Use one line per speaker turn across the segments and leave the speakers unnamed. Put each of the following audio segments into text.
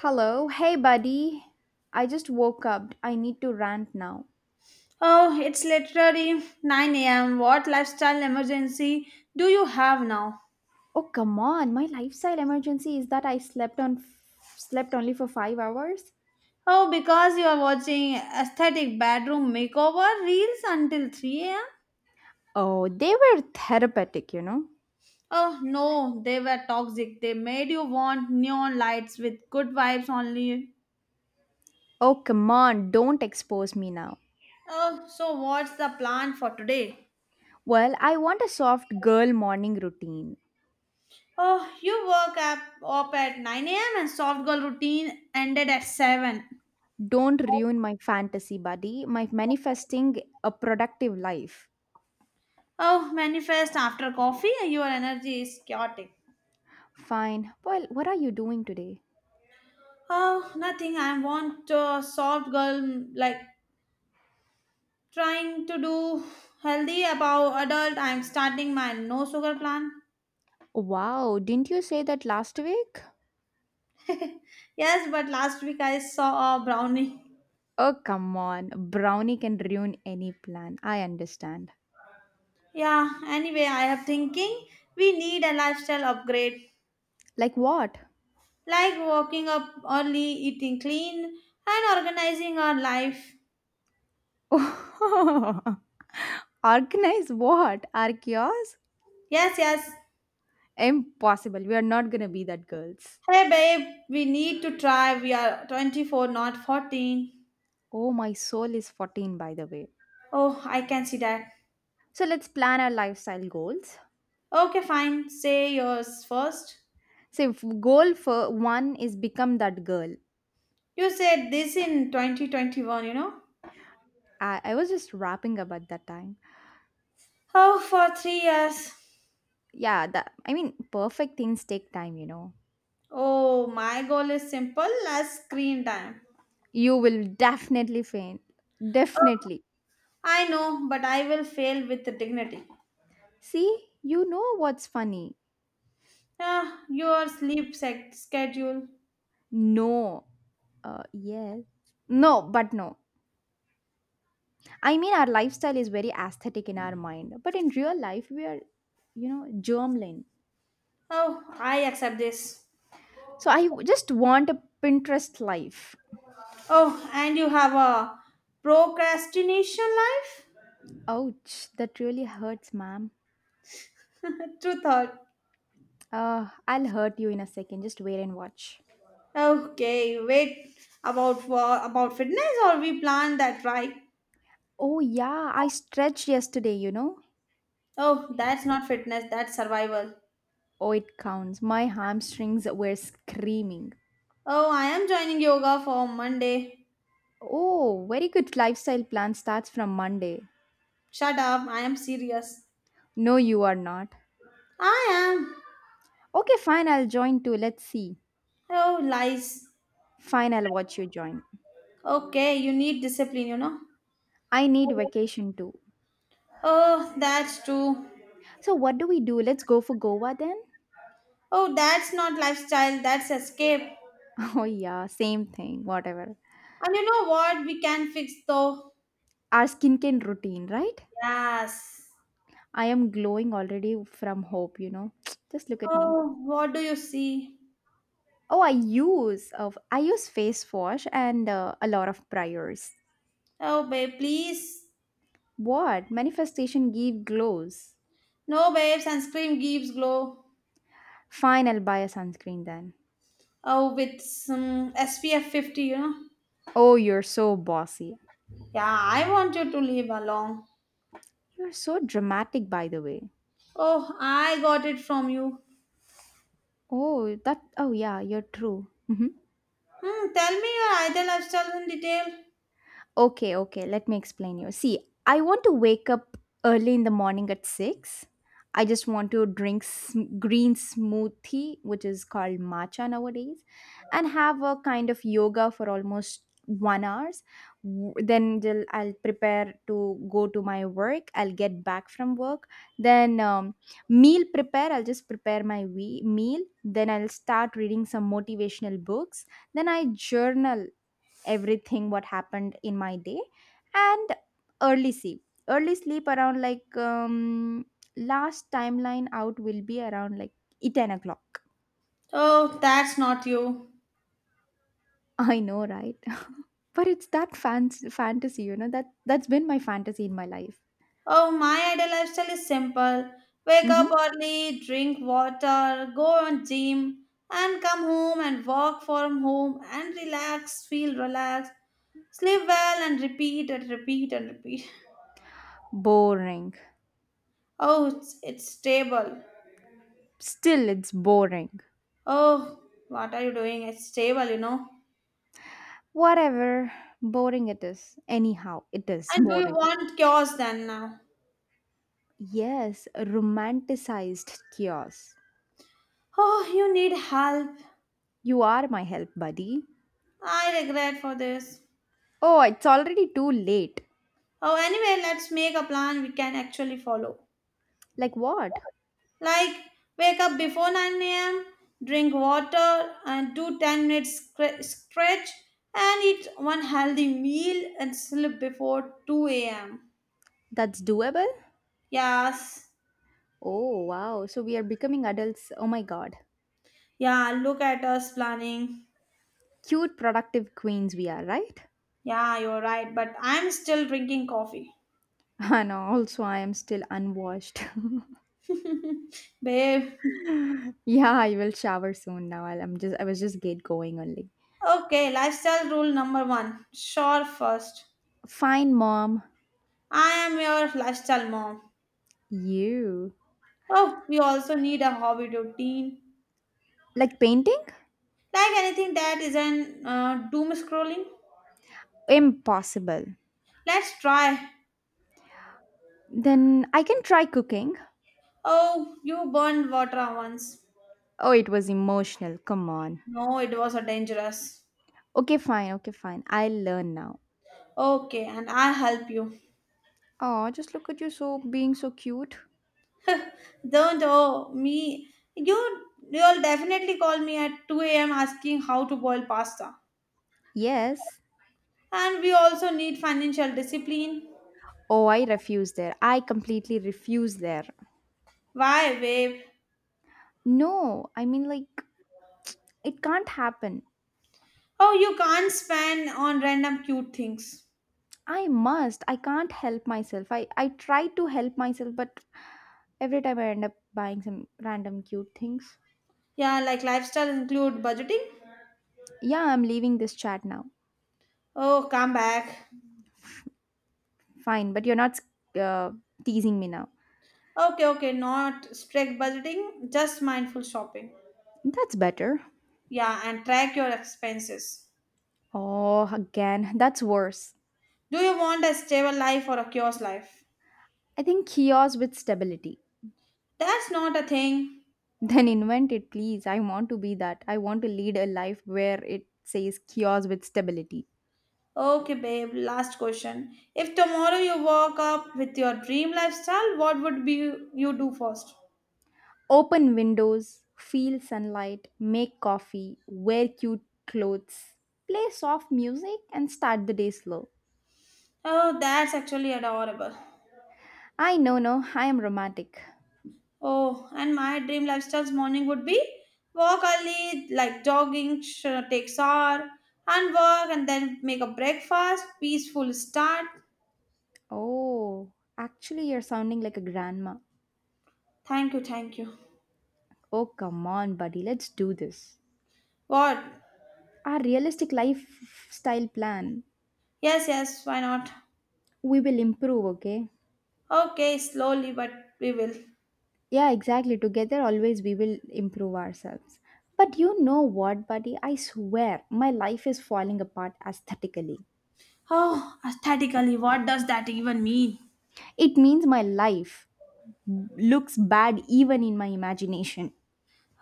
Hello, hey buddy. I just woke up. I need to rant now.
Oh, it's literally 9 a.m. What lifestyle emergency do you have now?
Oh, come on. My lifestyle emergency is that I slept only for 5 hours.
Oh, because you are watching aesthetic bedroom makeover reels until 3 a.m.?
Oh, they were therapeutic, you know.
Oh, no, they were toxic. They made you want neon lights with good vibes only.
Oh, come on. Don't expose me now.
Oh, so what's the plan for today?
Well, I want a soft girl morning routine.
Oh, you woke up at 9 a.m. and soft girl routine ended at 7.
Don't ruin my fantasy, buddy. My manifesting a productive life.
Oh, manifest after coffee, your energy is chaotic.
Fine. Well, what are you doing today?
Oh, nothing. I want a soft girl like trying to do healthy about adult. I'm starting my no sugar plan.
Wow, didn't you say that last week?
Yes, but last week I saw a brownie.
Oh, come on. Brownie can ruin any plan. I understand.
Yeah, anyway, I am thinking we need a lifestyle upgrade
Like what?
like waking up early, eating clean, and organizing our life.
Organize what? Our chaos?
Yes, yes.
Impossible. We are not going to be that girls.
Hey babe, we need to try. We are 24, not 14.
Oh, my soul is 14, by the way.
Oh, I can see that.
So let's plan our lifestyle goals.
Okay, fine. Say yours first.
So, if goal for one is become that girl.
You said this in 2021, you know?
I was just rapping about that time.
Oh, for 3 years.
Yeah, that, I mean, perfect things take time, you know.
Oh, my goal is simple as screen time.
You will definitely faint. Definitely.
I know, but I will fail with dignity.
See, you know what's funny?
Ah, your sleep schedule.
No. Yes. No, but no. I mean, our lifestyle is very aesthetic in our mind, but in real life, we are, you know, germline.
Oh, I accept this.
So just want a Pinterest life.
Oh, and you have a procrastination life?
Ouch, that really hurts, ma'am.
True thought.
I'll hurt you in a second. Just wait and watch.
Okay, wait, about fitness, or we plan that, right?
Oh, yeah, I stretched yesterday, you know?
Oh, that's not fitness, that's survival.
Oh, it counts. My hamstrings were screaming.
Oh, I am joining yoga for Monday.
Oh, very good lifestyle plan starts from Monday.
Shut up, I am serious.
No, you are not.
I am.
Okay, fine, I'll join too. Let's see.
Oh, lies.
Fine, I'll watch you join.
Okay, you need discipline.
I need vacation too.
Oh, that's true.
So, what do we do? Let's go for Goa then?
Oh, that's not lifestyle, that's escape.
Oh, yeah, same thing, whatever.
And you know what? We can fix though.
Our skincare routine, right?
Yes.
I am glowing already from hope, you know. Just look at me.
Oh, what do you see?
Oh, I use face wash and a lot of priors.
Oh, babe, please.
What? Manifestation give glows.
No, babe, sunscreen gives glow.
Fine, I'll buy a sunscreen then.
Oh, with some SPF 50.
Oh, you're so bossy.
Yeah, I want you to live along.
You're so dramatic, by the way.
Oh, I got it from you.
Oh, that. Oh, yeah, you're true.
Hmm, tell me your ideal lifestyle in detail.
Okay, okay, let me explain you. See, I want to wake up early in the morning at 6. I just want to drink green smoothie, which is called matcha nowadays, and have a kind of yoga for almost 1 hours. Then till I'll prepare to go to my work. I'll get back from work. Then meal prepare. I'll just prepare my meal. Then I'll start reading some motivational books. Then I journal everything what happened in my day and early sleep around like last timeline out will be around like 10 o'clock.
Oh, that's not you.
I know, right. But it's that fans fantasy, you know. That's been my fantasy in my life.
Oh, my ideal lifestyle is simple. Wake up
Hmm.
early, drink water, go on gym, and come home and work from home and relax, feel relaxed, sleep well and repeat and repeat and repeat.
Boring.
Oh, it's stable.
Still it's boring.
Oh, what are you doing? It's stable.
Whatever, boring it is, anyhow it is
And do you
boring.
want chaos then now?
Yes, romanticized chaos.
Oh, you need help.
You are my help, buddy.
I regret for this.
Oh, it's already too late.
Oh, anyway, let's make a plan we can actually follow.
Like what?
Like, wake up before 9 a.m., drink water, and do 10 minutes stretch, and eat one healthy meal and sleep before 2 am.
That's doable?
Yes.
Oh, wow. So we are becoming adults. Oh my god.
Yeah, look at us planning.
Cute, productive queens we are, right?
Yeah, you're right, but I'm still drinking coffee.
And also, I am still unwashed.
Babe.
Yeah, I will shower soon now. I was just get going only.
Okay, lifestyle rule number one. Sure first.
Fine, mom.
I am your lifestyle mom.
You.
Oh, we also need a hobby routine.
Like painting?
Like anything that isn't doom scrolling.
Impossible.
Let's try.
Then I can try cooking.
Oh, you burned water once.
Oh, it was emotional. Come on.
No, it was a dangerous.
Okay, fine. Okay, fine. I'll learn now.
Okay, and I'll help you.
Oh, just look at you so being so cute.
Don't oh me. You you'll definitely call me at 2 a.m. asking how to boil pasta.
Yes.
And we also need financial discipline.
Oh, I refuse there. I completely refuse there.
Why, babe?
No, I mean like it can't happen.
Oh, you can't spend on random cute things.
I must. I can't help myself. I try to help myself, but every time I end up buying some random cute things.
Yeah, like lifestyle include budgeting.
Yeah, I'm leaving this chat now.
Oh, come back.
Fine, but you're not uh, teasing me now.
Okay, okay, not strict budgeting, just mindful shopping.
That's better.
Yeah, and track your expenses.
Oh, again, that's worse.
Do you want a stable life or a chaos life?
I think chaos with stability.
That's not a thing.
Then invent it, please. I want to be that. I want to lead a life where it says chaos with stability.
Okay, babe, last question. If tomorrow you woke up with your dream lifestyle, what would be you do first?
Open windows, feel sunlight, make coffee, wear cute clothes, play soft music, and start the day slow.
Oh, that's actually adorable.
I no no, I am romantic.
Oh, and my dream lifestyle's morning would be walk early, like jogging, take shower, and work, and then make a breakfast, peaceful start.
Oh, actually, you're sounding like a grandma.
Thank you, thank you.
Oh, come on, buddy, let's do this.
What?
Our realistic lifestyle plan.
Yes, yes, why not?
We will improve, okay?
Okay, slowly, but we will.
Yeah, exactly. Together, always we will improve ourselves. But you know what, buddy? I swear, my life is falling apart aesthetically.
Oh, aesthetically, what does that even mean?
It means my life looks bad even in my imagination.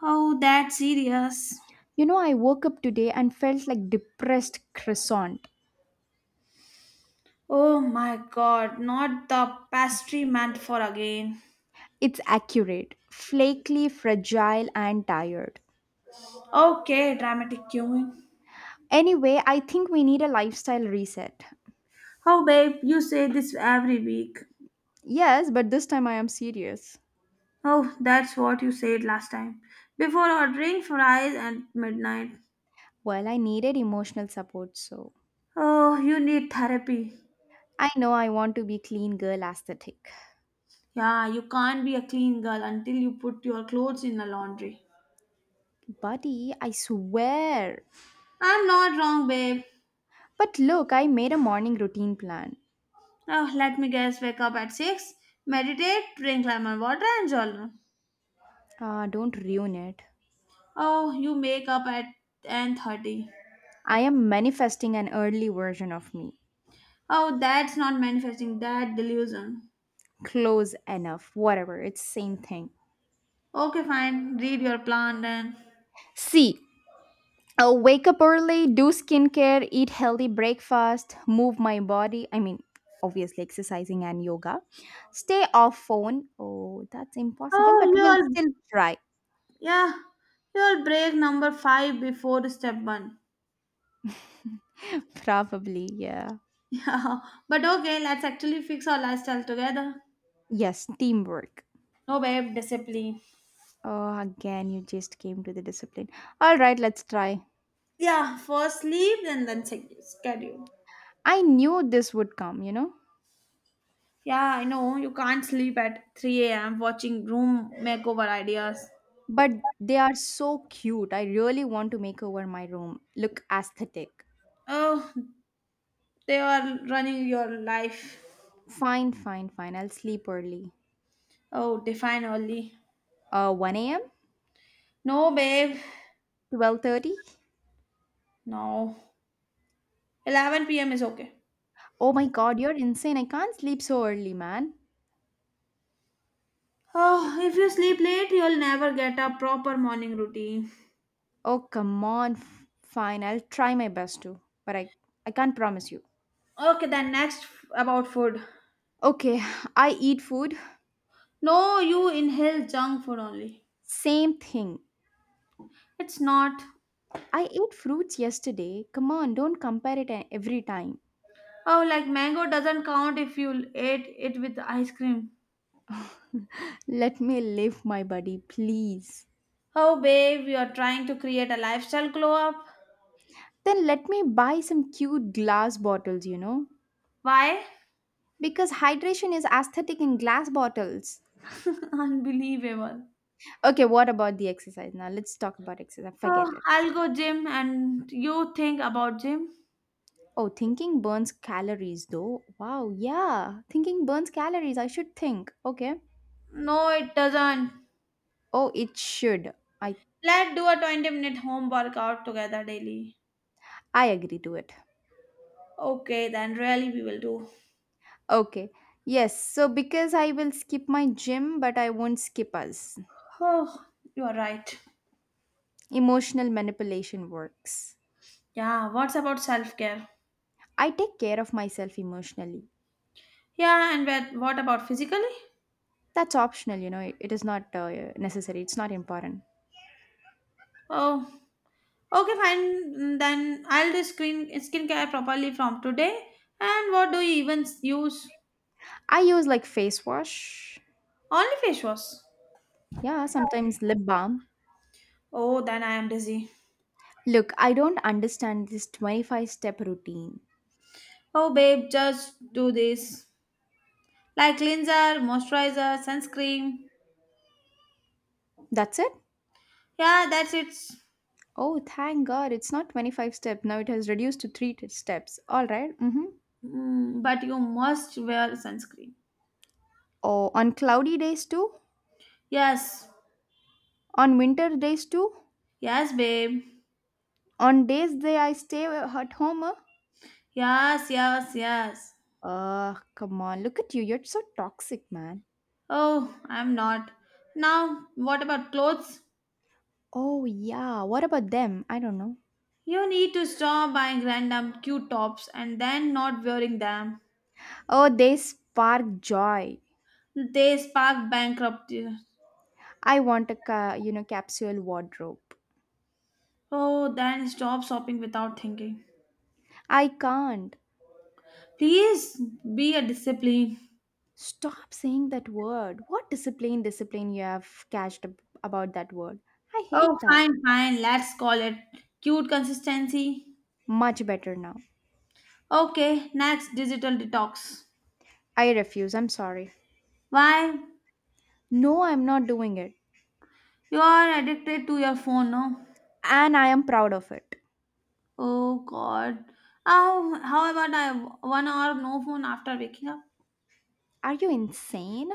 Oh, that's serious.
You know, I woke up today and felt like depressed croissant.
Oh my god, not the pastry meant for again.
It's accurate, flaky, fragile, and tired.
Okay, dramatic queuing.
Anyway, I think we need a lifestyle reset.
Oh, babe, you say this every week.
Yes, but this time I am serious.
Oh, that's what you said last time. Before ordering fries at midnight.
Well, I needed emotional support, so
Oh, you need therapy.
I know I want to be clean girl aesthetic.
Yeah, you can't be a clean girl until you put your clothes in the laundry.
Buddy, I swear.
I'm not wrong, babe.
But look, I made a morning routine plan.
Oh, let me guess, wake up at 6, meditate, drink lemon water and journal.
Ah, don't ruin it.
Oh, you make up at 10:30.
I am manifesting an early version of me.
Oh, that's not manifesting, that delusion.
Close enough, whatever, it's same thing.
Okay, fine, read your plan then.
C Wake up early, do skincare, eat healthy breakfast, move my body, I mean, obviously exercising and yoga, stay off phone. Oh, that's impossible, but
Oh,
we'll
you're
still try.
yeah, you'll break number five before step one.
Probably, yeah.
Yeah, but okay, let's actually fix our lifestyle together.
Yes, teamwork.
No, babe, discipline.
Oh, again, you just came to the discipline. All right, let's try.
Yeah, first sleep and then schedule.
I knew this would come, you know.
Yeah, I know you can't sleep at 3 a.m. watching room makeover ideas.
But they are so cute, I really want to make over my room look aesthetic.
Oh, they are running your life.
Fine, fine, fine. I'll sleep early.
Oh, define early.
1 a.m.?
No, babe.
12:30?
No. 11 p.m. is okay.
Oh my god, you're insane. I can't sleep so early, man.
Oh, if you sleep late, you'll never get a proper morning routine.
Oh, come on. Fine, I'll try my best to, but I can't promise you.
Okay, then next about food.
Okay, I eat food.
No, you inhale junk food only.
Same thing.
It's not.
I ate fruits yesterday. Come on, don't compare it every time.
Oh, like mango doesn't count if you ate it with ice cream.
Let me live my buddy, please.
Oh, babe, you are trying to create a lifestyle glow up.
Then let me buy some cute glass bottles, you know?
Why?
Because hydration is aesthetic in glass bottles.
Unbelievable.
Okay, what about the exercise now? Let's talk about exercise.
Oh,
Forget it.
I'll go gym and you think about gym.
Oh, thinking burns calories though. Wow, yeah. Thinking burns calories. I should think. Okay.
No, it doesn't.
Oh, it should. I
Let's do a 20-minute home workout together daily.
I agree to it.
Okay, then really we will do.
Okay. Yes, so because I will skip my gym, but I won't skip us.
Oh, you are right.
Emotional manipulation works.
Yeah, what's about self care?
I take care of myself emotionally.
Yeah, and what about physically?
That's optional, you know, it is not necessary, it's not important.
Oh, okay, fine. Then I'll do skincare properly from today. And what do you even use?
I use like face wash,
Only face wash.
yeah, sometimes lip balm.
Oh, then I am dizzy.
Look, I don't understand this 25 step routine.
Oh, babe, just do this. Like cleanser, moisturizer, sunscreen.
That's it?
Yeah, that's it.
Oh, thank God. It's not 25 step. Now it has reduced to 3 steps. All right. Mm-hmm.
But you must wear sunscreen.
Oh, on cloudy days too?
Yes,
On winter days too?
yes, babe.
On days that I stay at home?
Yes, yes, yes.
Ugh, come on. Look at you. You're so toxic, man.
Oh, I'm not. Now, what about clothes?
Oh, yeah. What about them? I don't know.
You need to stop buying random cute tops and then not wearing them.
Oh, they spark joy.
They spark bankruptcy.
I want a, you know, capsule wardrobe.
Oh, then stop shopping without thinking.
I can't.
Please be a discipline.
Stop saying that word. What discipline, discipline you have catched about that word. I
Oh,
hate that.
fine, fine. Let's call it cute consistency.
Much better now.
Okay, next digital detox.
I refuse. I'm sorry.
Why?
No, I'm not doing it.
You are addicted to your phone, no?
And I am proud of it.
Oh, God. Oh, how about I 1 hour no phone after waking up?
Are you insane?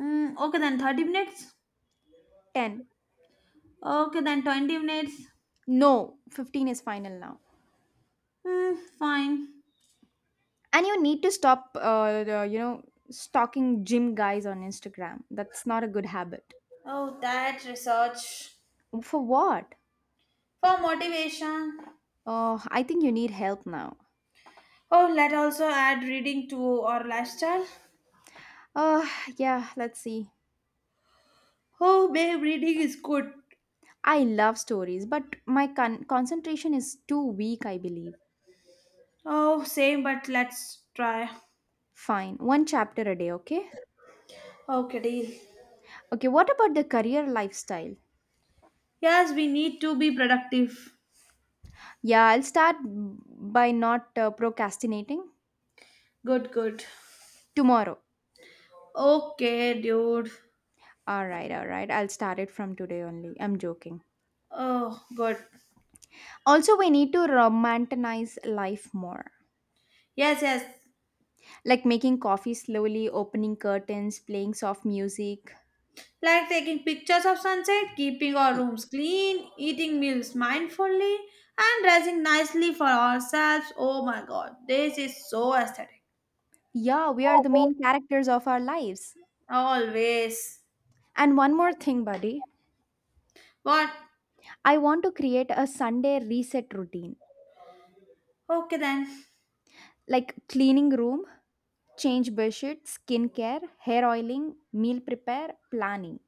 Okay, then 30 minutes.
10.
Okay, then 20 minutes.
No, 15 is final now.
Hmm, fine.
And you need to stop, you know, stalking gym guys on Instagram. That's not a good habit.
Oh, that research.
For what?
For motivation.
I think you need help now.
Oh, let also add reading to our lifestyle.
Uh, yeah, let's see.
Oh, babe, reading is good.
I love stories, but my concentration is too weak, I believe.
Oh, same, but let's try.
Fine, one chapter a day, okay?
Okay, deal.
Okay, what about the career lifestyle?
Yes, we need to be productive.
Yeah, I'll start by not procrastinating
Good, good.
tomorrow.
Okay, dude.
All right, all right. I'll start it from today only. I'm joking.
Oh, good.
Also, we need to romanticize life more.
Yes, yes.
Like making coffee slowly, opening curtains, playing soft music.
Like taking pictures of sunset, keeping our
Y-
rooms clean, eating meals mindfully, and dressing nicely for ourselves. Oh my god, this is so aesthetic.
Yeah, we are the main characters of our lives.
Always.
And one more thing, buddy.
What?
I want to create a Sunday reset routine
Okay then.
like cleaning room, change bedsheet, skincare, hair oiling, meal prepare, planning.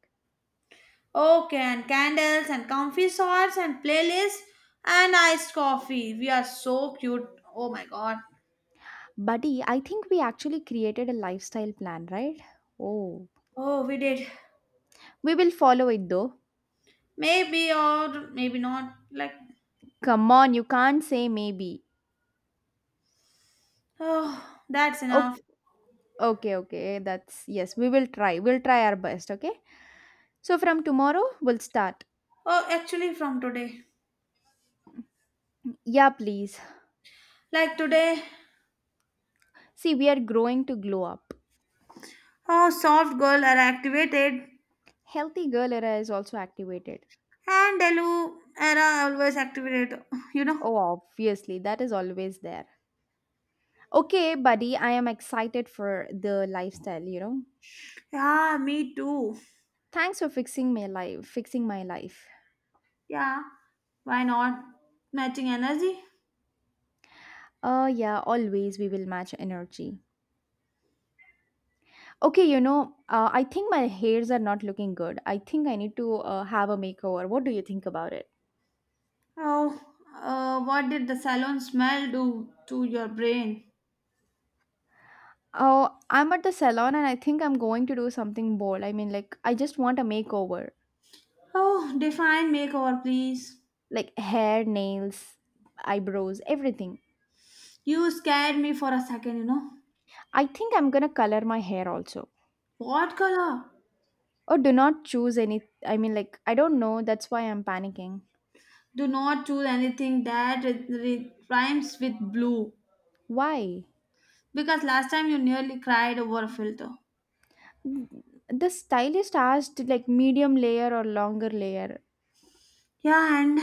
Okay, and candles and comfy shorts and playlists and iced coffee. We are so cute. Oh my god.
Buddy, I think we actually created a lifestyle plan, right? Oh,
Oh, we did.
we will follow it though.
Maybe or maybe not. Like,
Come on, you can't say maybe.
oh, that's
Oh,
enough.
okay, okay. That's yes, we will try. We'll try our best, okay? So from tomorrow, we'll start.
Oh, actually, from today.
Yeah, please.
Like today.
See, we are growing to glow up.
Oh, soft girl are activated
Healthy girl era is also activated.
and Delu era always activated. You know?
Oh, obviously, that is always there. Okay, buddy, I am excited for the lifestyle, you know.
Yeah, me too.
Thanks for fixing my life, fixing my life.
Yeah, why not? Matching energy?
Yeah, always we will match energy. Okay, you know, I think my hairs are not looking good. I think I need to have a makeover. What do you think about it?
Oh, what did the salon smell do to your brain?
Oh, I'm at the salon and I think I'm going to do something bold. I mean, like I just want a makeover.
Oh, define makeover, please.
Like hair, nails, eyebrows, everything.
You scared me for a second.
I think I'm going to color my hair also.
What color?
Or do not choose any. I mean, like, I don't know. That's why I'm panicking.
Do not choose anything that rhymes with blue
Why?
because last time you nearly cried over a filter.
The stylist asked, like, medium layer or longer layer.
Yeah, and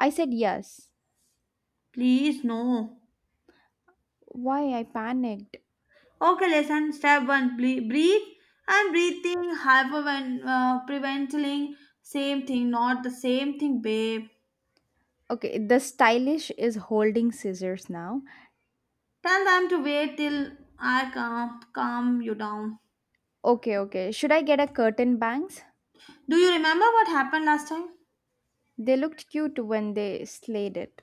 I said yes.
please, no.
Why? I panicked.
Okay, lesson step one breathe and breathing, hypervent, preventing, same thing, not the same thing, babe.
Okay, the stylish is holding scissors now.
Tell them to wait till I calm you down.
Okay, okay. Should I get a curtain bangs?
Do you remember what happened last time?
They looked cute when they slayed it.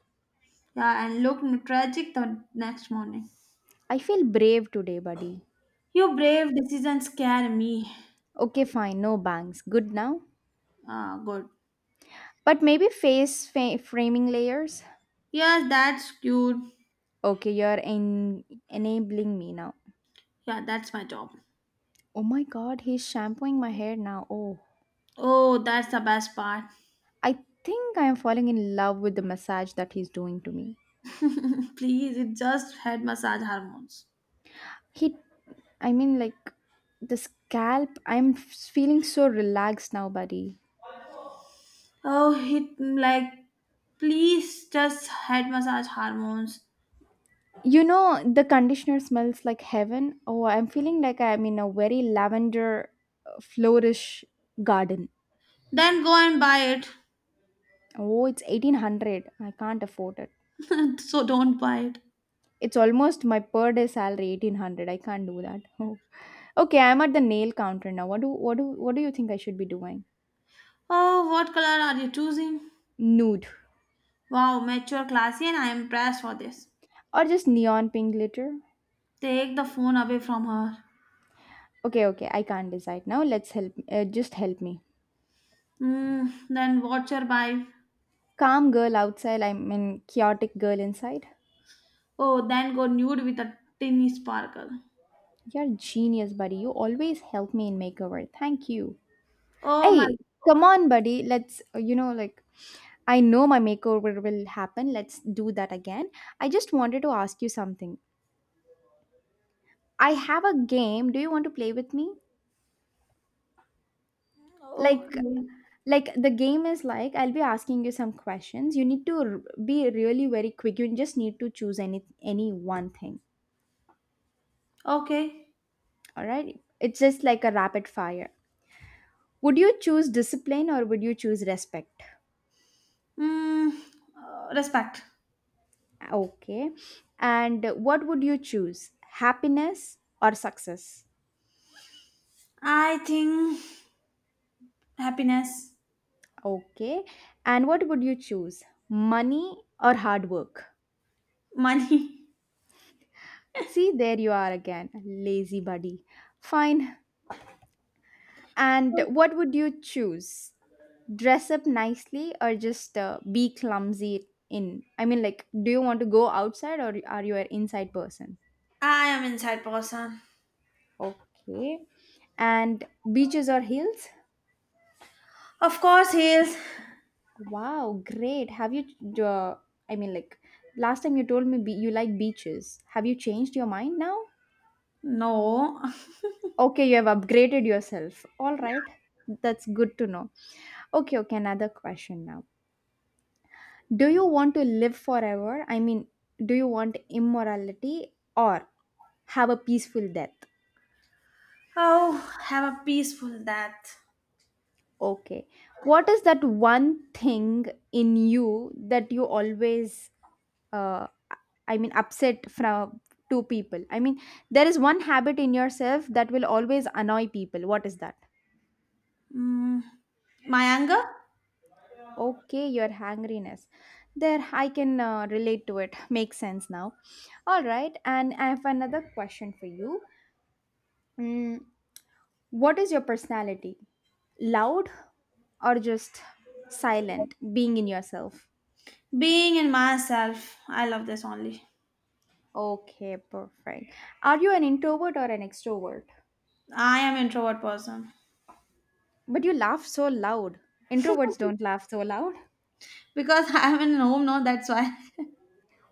Yeah, and looked tragic the next morning.
I feel brave today, buddy.
Your brave decisions scare me.
Okay, fine. No bangs. Good now.
Ah, good.
But maybe framing layers.
Yes, that's cute.
Okay, you're enabling me now.
Yeah, that's my job.
Oh my god, he's shampooing my hair now. Oh,
Oh, that's the best part.
I think I am falling in love with the massage that he's doing to me.
Please, it just had massage hormones.
He, I mean, like the scalp, I'm feeling so relaxed now, buddy.
Oh, please just head massage hormones.
You know, the conditioner smells like heaven. Oh, I'm feeling like I'm in a very lavender flourish garden.
Then go and buy it.
Oh, it's 1800. I can't afford it.
So don't buy it.
It's almost my per day salary, 1800. I can't do that. Okay, I'm at the nail counter now. What do you think I should be doing?
Oh, what color are you choosing?
Nude
Wow, mature, classy, and I am impressed for this.
or just neon pink glitter?
Take the phone away from her.
Okay, okay, I can't decide now. Let's help. Just help me.
Then watch her buy.
Calm girl outside. I'm in chaotic girl inside.
Oh, then go nude with a tiny sparkle.
You're genius, buddy. You always help me in makeover. Thank you.
Oh my
Hey, come
god.
on, buddy. Let's you know, like I know my makeover will happen. Let's do that again. I just wanted to ask you something. I have a game. Do you want to play with me? Like
Okay.
like the game is like I'll be asking you some questions. You need to be really very quick. You just need to choose any one thing.
Okay.
All right, it's just like a rapid fire. Would you choose discipline or would you choose respect?
Hmm. Respect.
Okay, and what would you choose, happiness or success?
I think happiness.
Okay, and what would you choose, money or hard work?
Money.
See, there you are again, lazy buddy. Fine. And what would you choose, dress up nicely or just be clumsy in? I mean, like, do you want to go outside or are you an inside person?
I am inside person.
Okay. And beaches or hills?
Of course he is.
Wow, great. Have you uh, I mean, like, last time you told me you like beaches. Have you changed your mind now?
No.
Okay, you have upgraded yourself, all right. That's good to know. Okay, okay, another question now. Do you want to live forever? I mean, do you want immorality or have a peaceful death?
Oh, have a peaceful death.
Okay. What is that one thing in you that you always, uh, I mean, upset from two people? I mean, there is one habit in yourself that will always annoy people. What is that?
Mm, my anger?
Okay, your hangriness. There, I can relate to it. Makes sense now. All right. And I have another question for you. Mm, what is your personality? Loud or just silent? Being in yourself?
Being in myself. I love this only.
Okay, perfect. Are you an introvert or an extrovert?
I am introvert person.
But you laugh so loud. Introverts don't laugh so loud.
Because I am in home, no, that's why.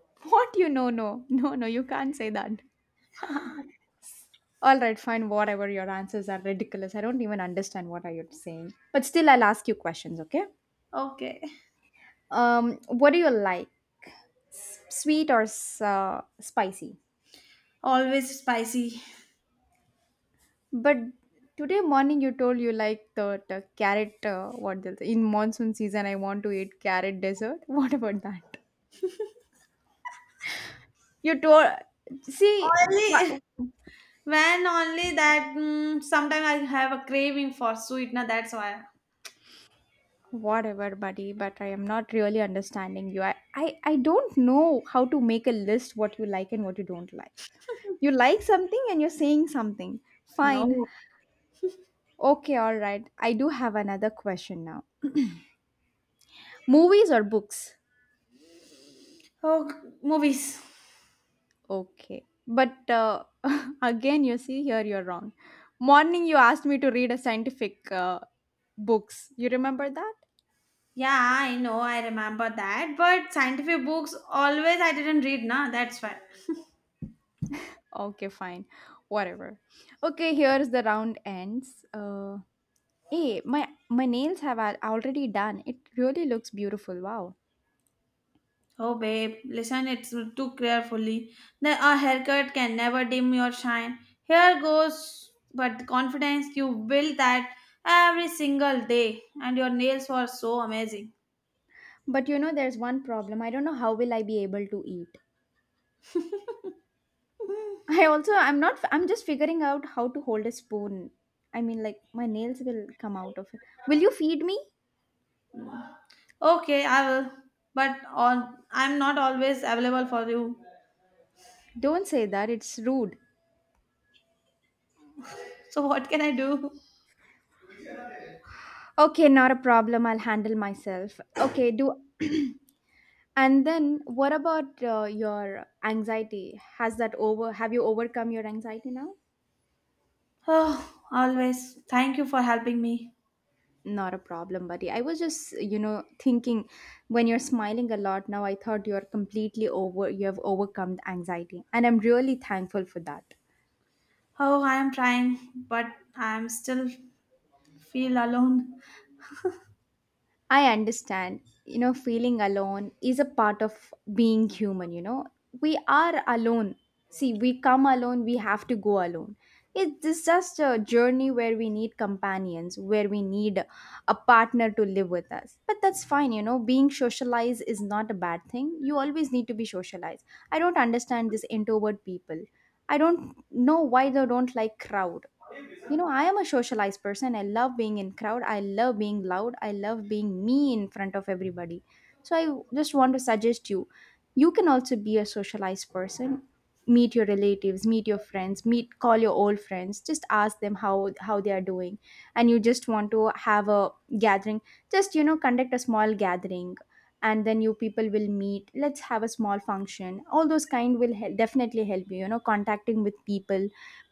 What you know? No, no, no, you can't say that. All right, fine, whatever. Your answers are ridiculous. I don't even understand what are you saying. But still, I'll ask you questions, okay?
Okay.
What do you like? Sweet or spicy?
Always spicy.
But today morning you told you like the carrot. What in monsoon season? I want to eat carrot dessert. What about that? You told, see,
Only
wha-
when only that mm, sometimes I have a craving for sweet. Now that's why.
whatever, buddy, but I am not really understanding you. I don't know how to make a list what you like and what you don't like. You like something and you're saying something. Fine.
No.
Okay, all right. I do have another question now. Movies or books?
Oh, movies.
Okay. But again, you see, here you're wrong. Morning, you asked me to read a scientific books. You remember that?
Yeah, I know, I remember that. But scientific books always I didn't read, na. That's why.
Okay, fine. Whatever. Okay, here's the round ends. Hey, my nails have already done. It really looks beautiful. Wow.
Oh, babe, listen, it's too carefully. A haircut can never dim your shine. Here goes, but the confidence you build that every single day, and your nails were so amazing.
But you know, there's one problem. I don't know how will I be able to eat. I also I'm not I'm just figuring out how to hold a spoon. I mean, like, my nails will come out of it. Will you feed me?
Okay, I will. But all, I'm not always available for you.
Don't say that. It's rude.
So what can I do?
Okay, not a problem. I'll handle myself. Okay, do and then what about your anxiety? Has that over Have you overcome your anxiety now?
Oh, always. Thank you for helping me.
Not a problem, buddy. I was just, you know, thinking when you're smiling a lot now, I thought you're completely over, you have overcome the anxiety. And I'm really thankful for that.
Oh, I am trying, but I am still feel alone.
I understand, you know, feeling alone is a part of being human, you know. We are alone. See, we come alone, we have to go alone. It's just a journey where we need companions, where we need a partner to live with us. But that's fine, you know, being socialized is not a bad thing. You always need to be socialized. I don't understand this introvert people. I don't know why they don't like crowd. You know, I am a socialized person. I love being in crowd, I love being loud, I love being me in front of everybody. So I just want to suggest you, you can also be a socialized person. Meet your relatives, meet your friends, meet call your old friends, just ask them how they are doing. And you just want to have a gathering. Just, you know, conduct a small gathering, and then you people will meet. Let's have a small function. All those kind will definitely help you, you know, contacting with people.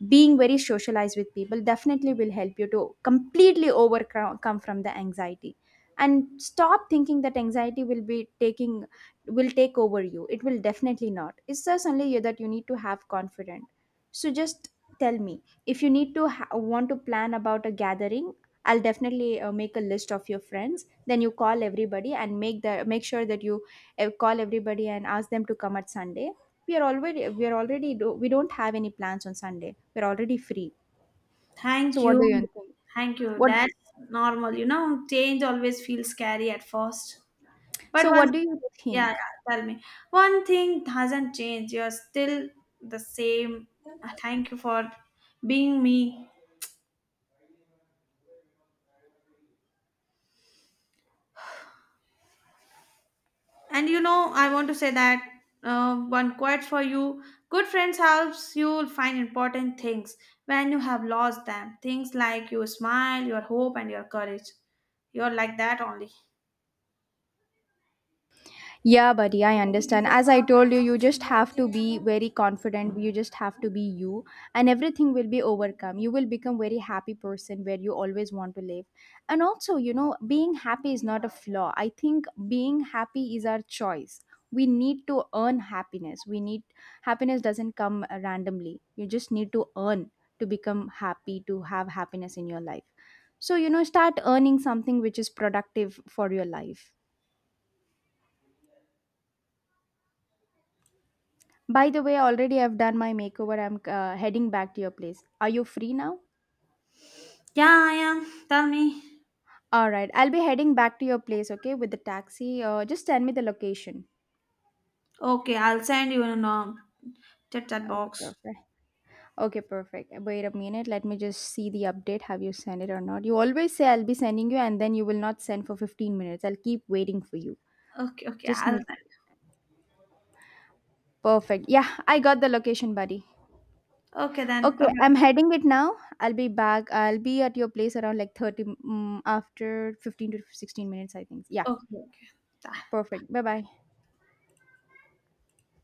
Being very socialized with people definitely will help you to completely overcome from the anxiety. And stop thinking that anxiety will be taking will take over you. It will definitely not. It's just only you that you need to have confident. So just tell me if you need to want to plan about a gathering. I'll definitely make a list of your friends, then you call everybody and make sure that you call everybody and ask them to come at Sunday. We are already do, we don't have any plans on Sunday. We're already free. So
Thank
what do you
you.
think?
Thank you.
What
That's normal. Change always feels scary at first. But
So
one
what do
thing,
you
yeah, yeah,
think?
tell me. One thing hasn't changed. You're still the same. Thank you for being me. And I want to say that one quote for you good friends helps you find important things when you have lost them. Things like your smile, your hope, and your courage. You're like that only.
Yeah, buddy, I understand. As I told you, you just have to be very confident. You just have to be you, and everything will be overcome. You will become very happy person where you always want to live. And also, you know, being happy is not a flaw. I think being happy is our choice. We need to earn happiness. We need Happiness doesn't come randomly. You just need to earn to become happy, to have happiness in your life. So, you know, start earning something which is productive for your life. By the way, already I've done my makeover. I'm heading back to your place. Are you free now?
Yeah, I am. Tell me.
All right, I'll be heading back to your place, okay, with the taxi. Just send me the location.
Okay, I'll send you in a chat
Okay,
box.
perfect. Okay, perfect. Wait a minute. Let me just see the update. Have you sent it or not? You always say I'll be sending you, and then you will not send for 15 minutes. I'll keep waiting for you.
Okay, okay,
Just
I'll
me.
send.
Perfect. Yeah, I got the location, buddy.
Okay then.
Okay,
Bye bye.
I'm heading it now. I'll be back. I'll be at your place around like after 15 to 16 minutes, I think. Yeah.
Okay, okay.
Perfect. Bye bye.